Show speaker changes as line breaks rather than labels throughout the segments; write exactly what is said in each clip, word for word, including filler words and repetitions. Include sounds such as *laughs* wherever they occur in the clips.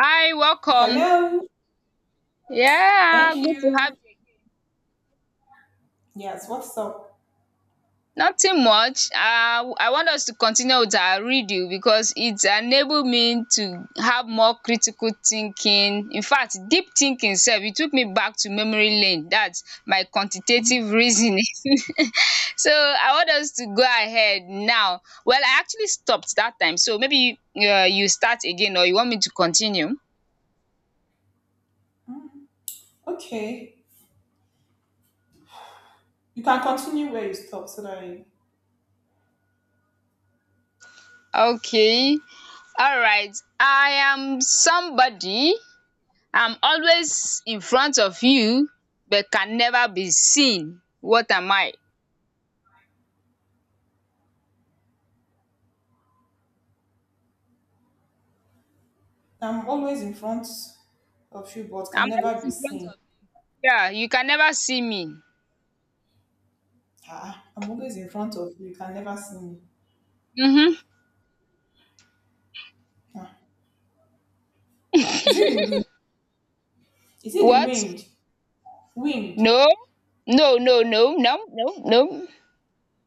Hi, welcome.
Hello.
Yeah,
Thank
good to have
you.
you.
Yes, what's up?
Nothing much. Uh, I want us to continue with our reading because it enabled me to have more critical thinking. In fact, deep thinking self. It took me back to memory lane. That's my quantitative reasoning. *laughs* so I want us to go ahead now. Well, I actually stopped that time. So maybe uh, you start again, or you want me to continue?
Mm, Okay. You can continue where you stopped so that I,
Okay. All right. I am somebody, I'm always in front of you but can never be seen. What am I?
I'm always in front of you but can
I'm
never
always
be
in front
seen.
of, yeah, you can never see me.
Ah, I'm always in front of you, you can never see me.
Mhm.
Ah. Is it the wind? Is it the
What?
wind? Wind.
No. No, no, no, no, no, no.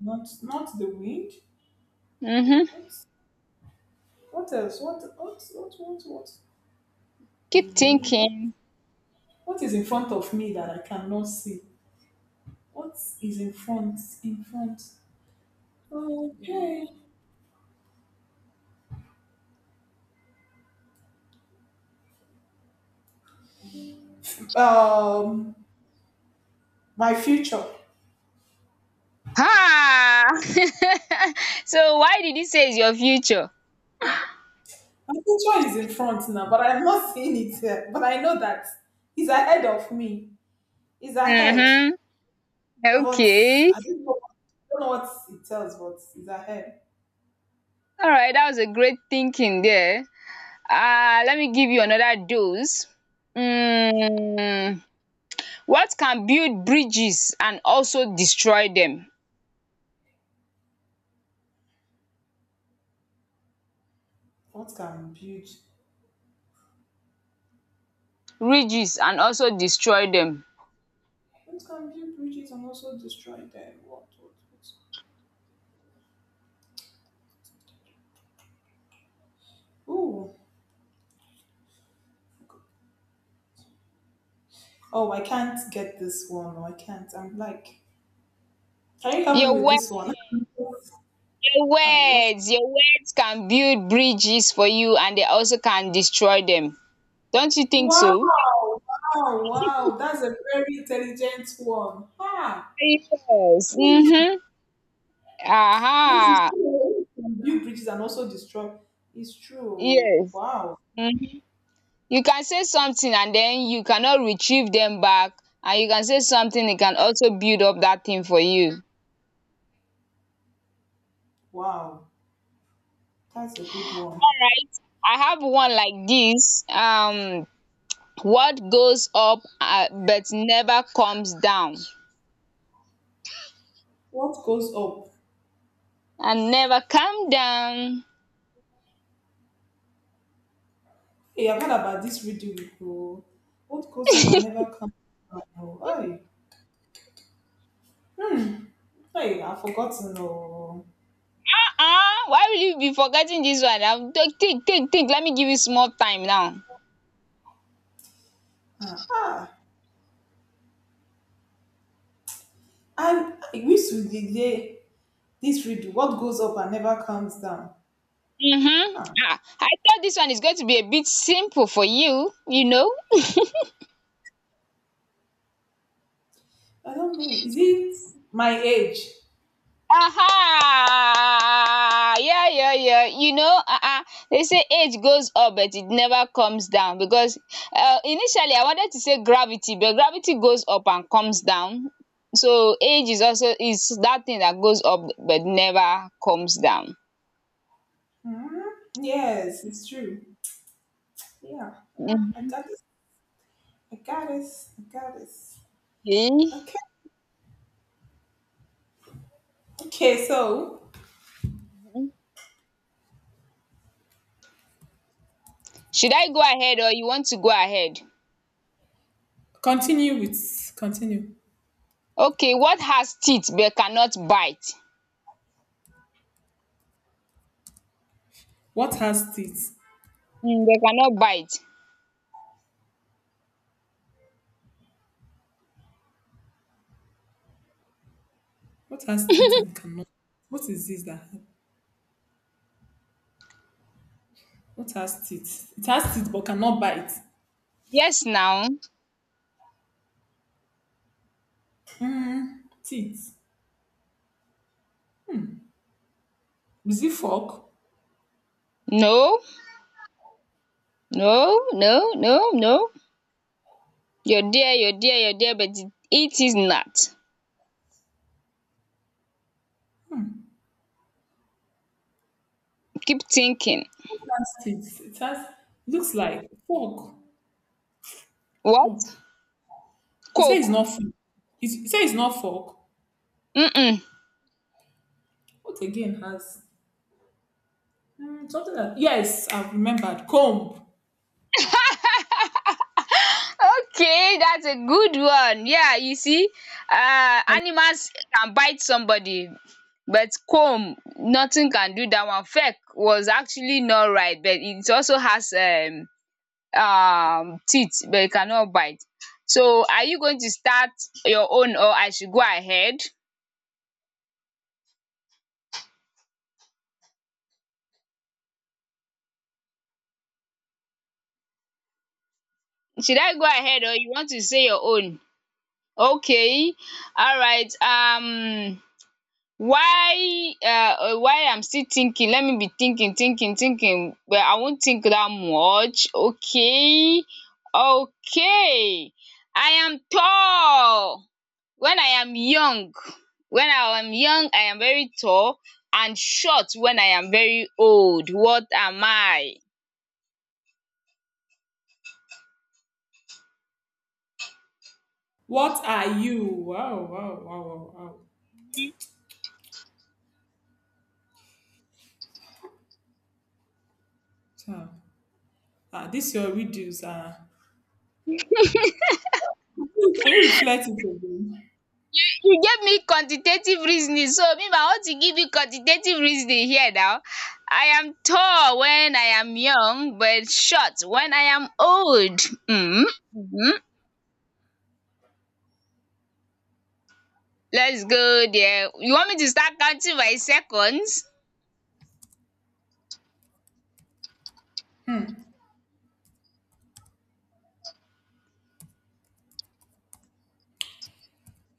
Not not the wind.
Mhm.
What what else? What what what what what? The
Keep
wind. What
thinking.
what is in front of me that I cannot see? What is in front? In front. Okay. um my future.
Ah! *laughs* so why did you say it's your future?
My future is in front now, but I'm not seeing it yet. But I know that he's ahead of me. He's ahead. So,
Mhm.
But
Okay.
I don't know, I don't know what it tells, but he's ahead.
All right, that was a great thinking there. Uh let me give you another dose. Hmm. What can build bridges and also destroy them?
What can build?
Bridges and also destroy them.
What can build bridges and also destroy them? What, what, what? Ooh. Oh, I can't get this one. No, I can't. I'm like, can you help me
Your
with
wor-
this one?
your
*laughs* I'm lost.
words, your words can build bridges for you, and they also can destroy them. Don't you think so?
Wow, wow, wow. That's a very intelligent one. Ha!
Yes.
Yes,
Mm-hmm.
it's
Aha.
true. Build bridges and also destroy. It's true.
Yes.
Wow.
Mhm. You can say something and then you cannot retrieve them back. And you can say something, it can also build up that thing for you. All
Wow. That's a good one.
right. I have one like this. Um What goes up uh, but never comes down,
What goes up?
and never come down.
Hey, I've heard about this riddle before. What goes up and never comes down? Oh, hey, hey, I've forgotten. Oh,
Uh-uh. Why will you be forgetting this one? Um, Take, take, take, take. Let me give you small time now.
ah, ah. And I wish we did hear this riddle. What goes up and never comes down?
Mm-hmm.
Ah,
Ah, I thought this one is going to be a bit simple for you, you know.
I don't know. Is it my age?
Aha! Yeah, yeah, yeah. You know, uh-uh. They say age goes up, but it never comes down because uh, initially I wanted to say gravity, but gravity goes up and comes down. So age is also is that thing that goes up but never comes down.
Hmm? Yes, it's true. Yeah, yeah. I
Mhm.
got it. I got it. I got it.
Okay.
Okay. Okay. So
Should I go ahead, or you want to go ahead?
continue with continue.
Okay, what has teeth but cannot bite?
What has teeth?
Mm, they cannot bite.
What has teeth and cannot? What is this that? What has teeth? It has teeth but cannot bite.
Yes, now.
Teeth. Is it fork?
No, no, no, no, no. You're there, you're there, you're there, but it is not. Keep thinking.
What has teeth? It has. Looks like fork.
What?
Fork. You say it's
Coke.
not fork. You say it's not fork.
Mm-mm.
What again has? Hmm, something that. Yes, I've remembered. Comb.
Okay, that's a good one. Yeah, you see, uh, animals can bite somebody, but comb, nothing can do that one. Feck was actually not right, but it also has um, um teeth, but it cannot bite. So, are you going to start your own, or I should go ahead? Should I go ahead, or you want to say your own? Okay, alright, um why um why I'm still thinking, let me be thinking thinking thinking, but I won't think that much. Okay. Okay, I am tall when I am young, when I am young I am very tall, and short when I am very old. What am I?
What are you? Wow! Wow! Wow! Wow! Wow! Child. Ah, this your reduce. Ah, can you reflect it again?
You gave me quantitative reasoning, so me, I want to give you quantitative reasoning here now. I am tall when I am young but short when I am old. Mm, mhm. Let's go there. You want me to start counting by seconds?
Hmm.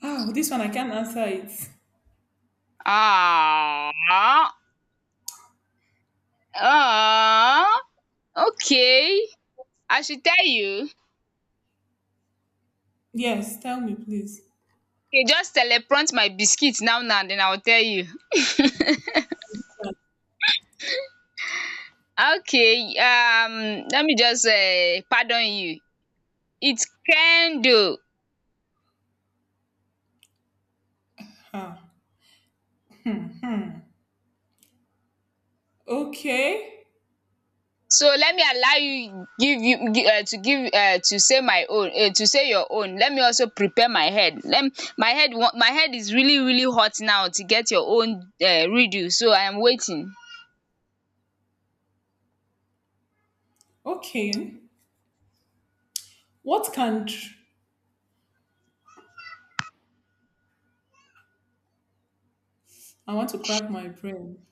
Oh, this one I can't answer it.
Ah, ah, okay. I should tell you.
Yes, tell me please.
Okay, just teleprompt my biscuits now now, then I will tell you. Okay, um let me just uh pardon you. It's candle.
Ah, okay,
So let me allow you, give you um to give um to say my own, um to say your own. Let me also prepare my head. Let my head wa- my head is really really hot now to get your own um riddle, so I am waiting.
okay. What can tr- I want to crack my brain?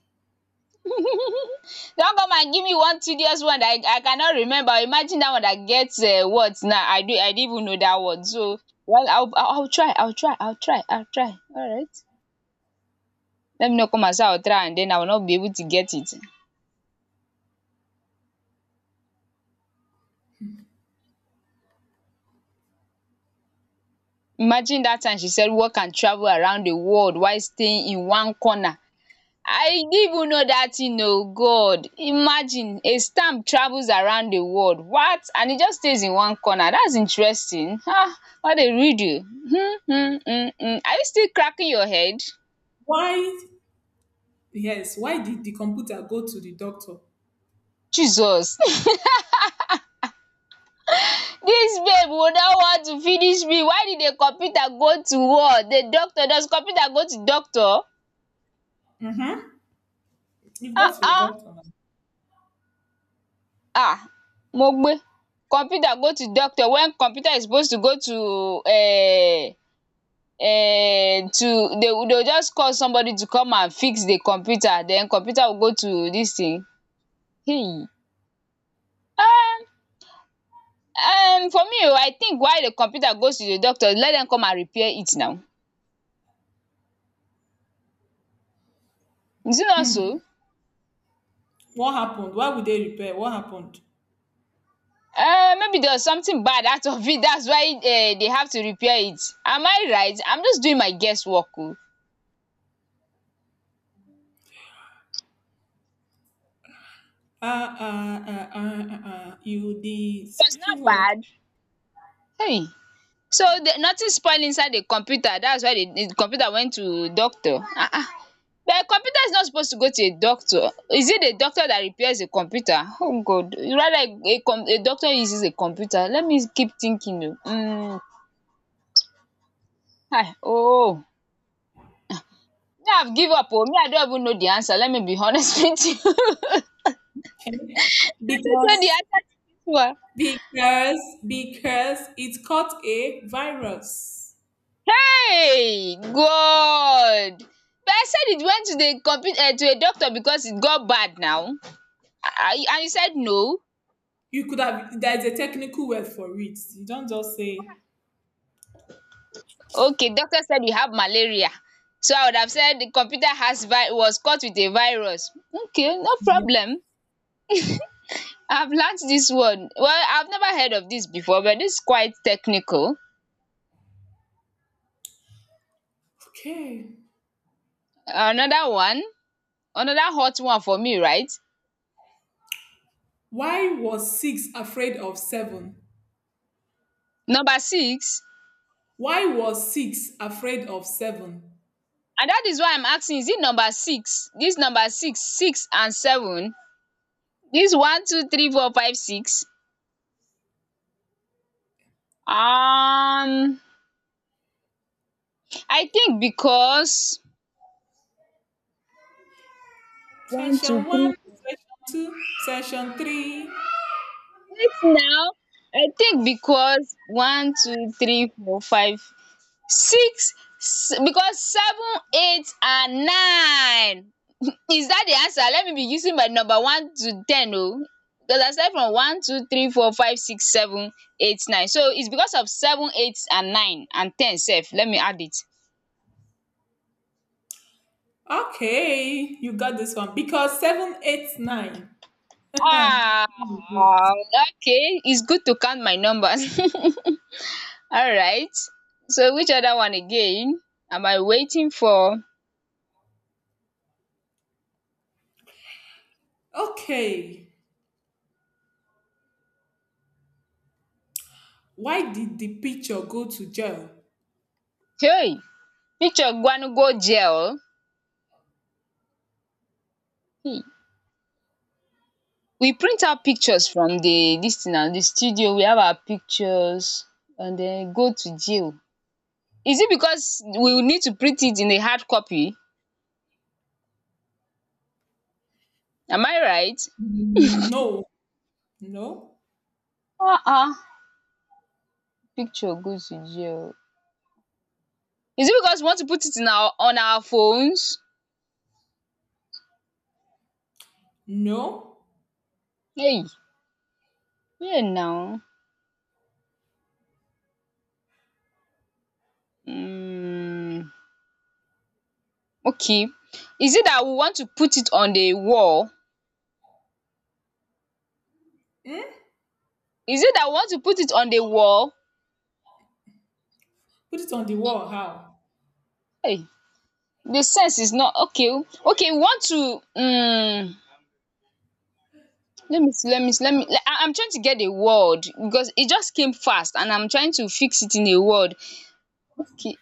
Don come and give me one tedious one that I I cannot remember. Imagine dat one that get um words now. I don't I didn't even know dat word, so well, I will I will try, I will try, I will try, I will try. Alright, let me no come and say I will try and den I will not be able to get it. Imagine that, time she said work and travel around the world while staying in one corner. I didn't even know that, you know. God! Imagine, a stamp travels around the world, what? And it just stays in one corner. That's interesting. Um what a riddle. Um um um um are you still cracking your head?
Why? Yes. Why did the computer go to the doctor?
Jesus! *laughs* This babe would not want to finish me. Why did the computer go to what? The doctor? Does computer go to doctor?
Mm-hmm. You've got
Ah
to the
ah.
doctor now.
Ah! Mogbe, computer go to doctor when computer is supposed to go to um um to, they will, they will just call somebody to come and fix the computer, then computer will go to this thing. Hey, um um for me o, I think why the computer goes to the doctor, let dem come and repair it now. Is it not so?
What happened? Why would they repair? What happened?
Um maybe there was something bad out of it, that's why um they have to repair it. Am I right? I'm just doing my guess work o, it
Ah, ah, ah, ah, ah, ah. ah. You the
was not
Well,
bad um. So the nothing spoil inside the computer, that's why the the computer went to doctor, um but computer is not supposed to go to a doctor. Is it the doctor that repairs a computer? Oh god, rather a com, a doctor uses a computer. Let me keep thinking o. um kai um Me, I give up. Oh, me, I don't even know the answer. Let me be honest *laughs* with you. *laughs*
okay.
I don't know the
Because
answer to this one.
Because because it caught a virus.
Hey god, but I said it went to the computer um to a doctor because it got bad now. I I- and you said no.
You could have there's a technical word for it. You don't just say
Okay, doctor said you have malaria. So I would have said the computer has vi- was caught with a virus. Okay, no
yeah.
problem. I've learnt this one. Well, I've never heard of this before, but this is quite technical.
Okay.
Another one, another hot one for me, right?
Why was six afraid of seven?
Number six.
Why was six afraid of seven?
And that is why I'm asking, is it number six? This number six, six and seven. This one, two, three, four, five, six. Um, I think because one,
Session
two,
one,
three.
session two, session three.
Wait now, I think because one, two, three, four, five, six, s- because seven, eight, and nine. *laughs* Is that the answer? Let me be using my number one to ten. Oh, because I started from one, two, three, four, five, six, seven, eight, nine. So it's because of seven, eight, and nine and ten. Self, let me add it.
Okay, you got this one. Because seven, eight, nine. Huh.
Ah, okay. It's good to count my numbers. *laughs* All right. So which other one again am I waiting for?
Okay. Why did the picture go to jail?
Hey, picture Gwanu go Gel. Hey, we print out pictures from the this thing now, the studio. We have our pictures and then go to jail. Is it because we will need to print it in a hard copy? Am I right?
No, no,
Uh-uh. Picture go to jail. Is it because we want to put it in our on our phones?
no.
Hey, yeah now. Mm, okay. Is it that we want to put it on the wall?
Hmm?
Is it that we want to put it on the wall?
Put it on the wall. How?
Hey, the sense is not okay. Okay, we want to um let me see, let me see, let me le- I, I'm trying to get a word because it just came fast and I'm trying to fix it in a word. Okay,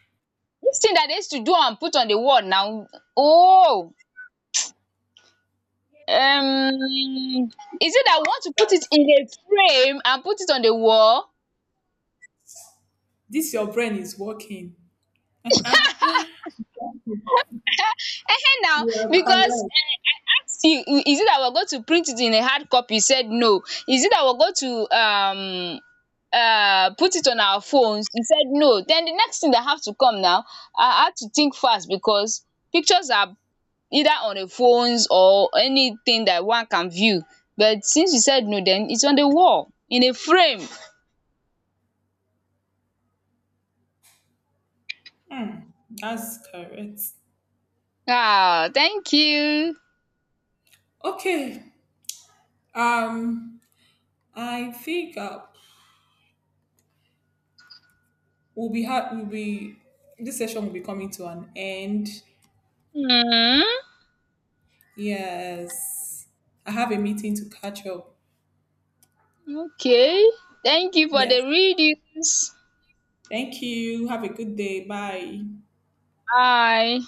this thing that they used to do and put on the word now. Oh, um is it that we want to
That
put it in a frame and put it on the wall?
This your brain is working.
Hey now,
You are
because
correct.
eh, see, is it that we're going to print it in a hard copy? You said no. Is it that we're going to um um put it on our phones? He said no. Then the next thing that have to come now, I had to think fast because pictures are either on the phones or anything that one can view. But since you said no, then it's on the wall in a frame.
That's correct.
Ah, thank you.
Okay. Um, I think uh, we'll be ha- we'll be this session will be coming to an end.
um
Yes, I have a meeting to catch up.
okay, thank you for the
Yes.
readings.
Thank you. Have a good day. Bye.
Bye.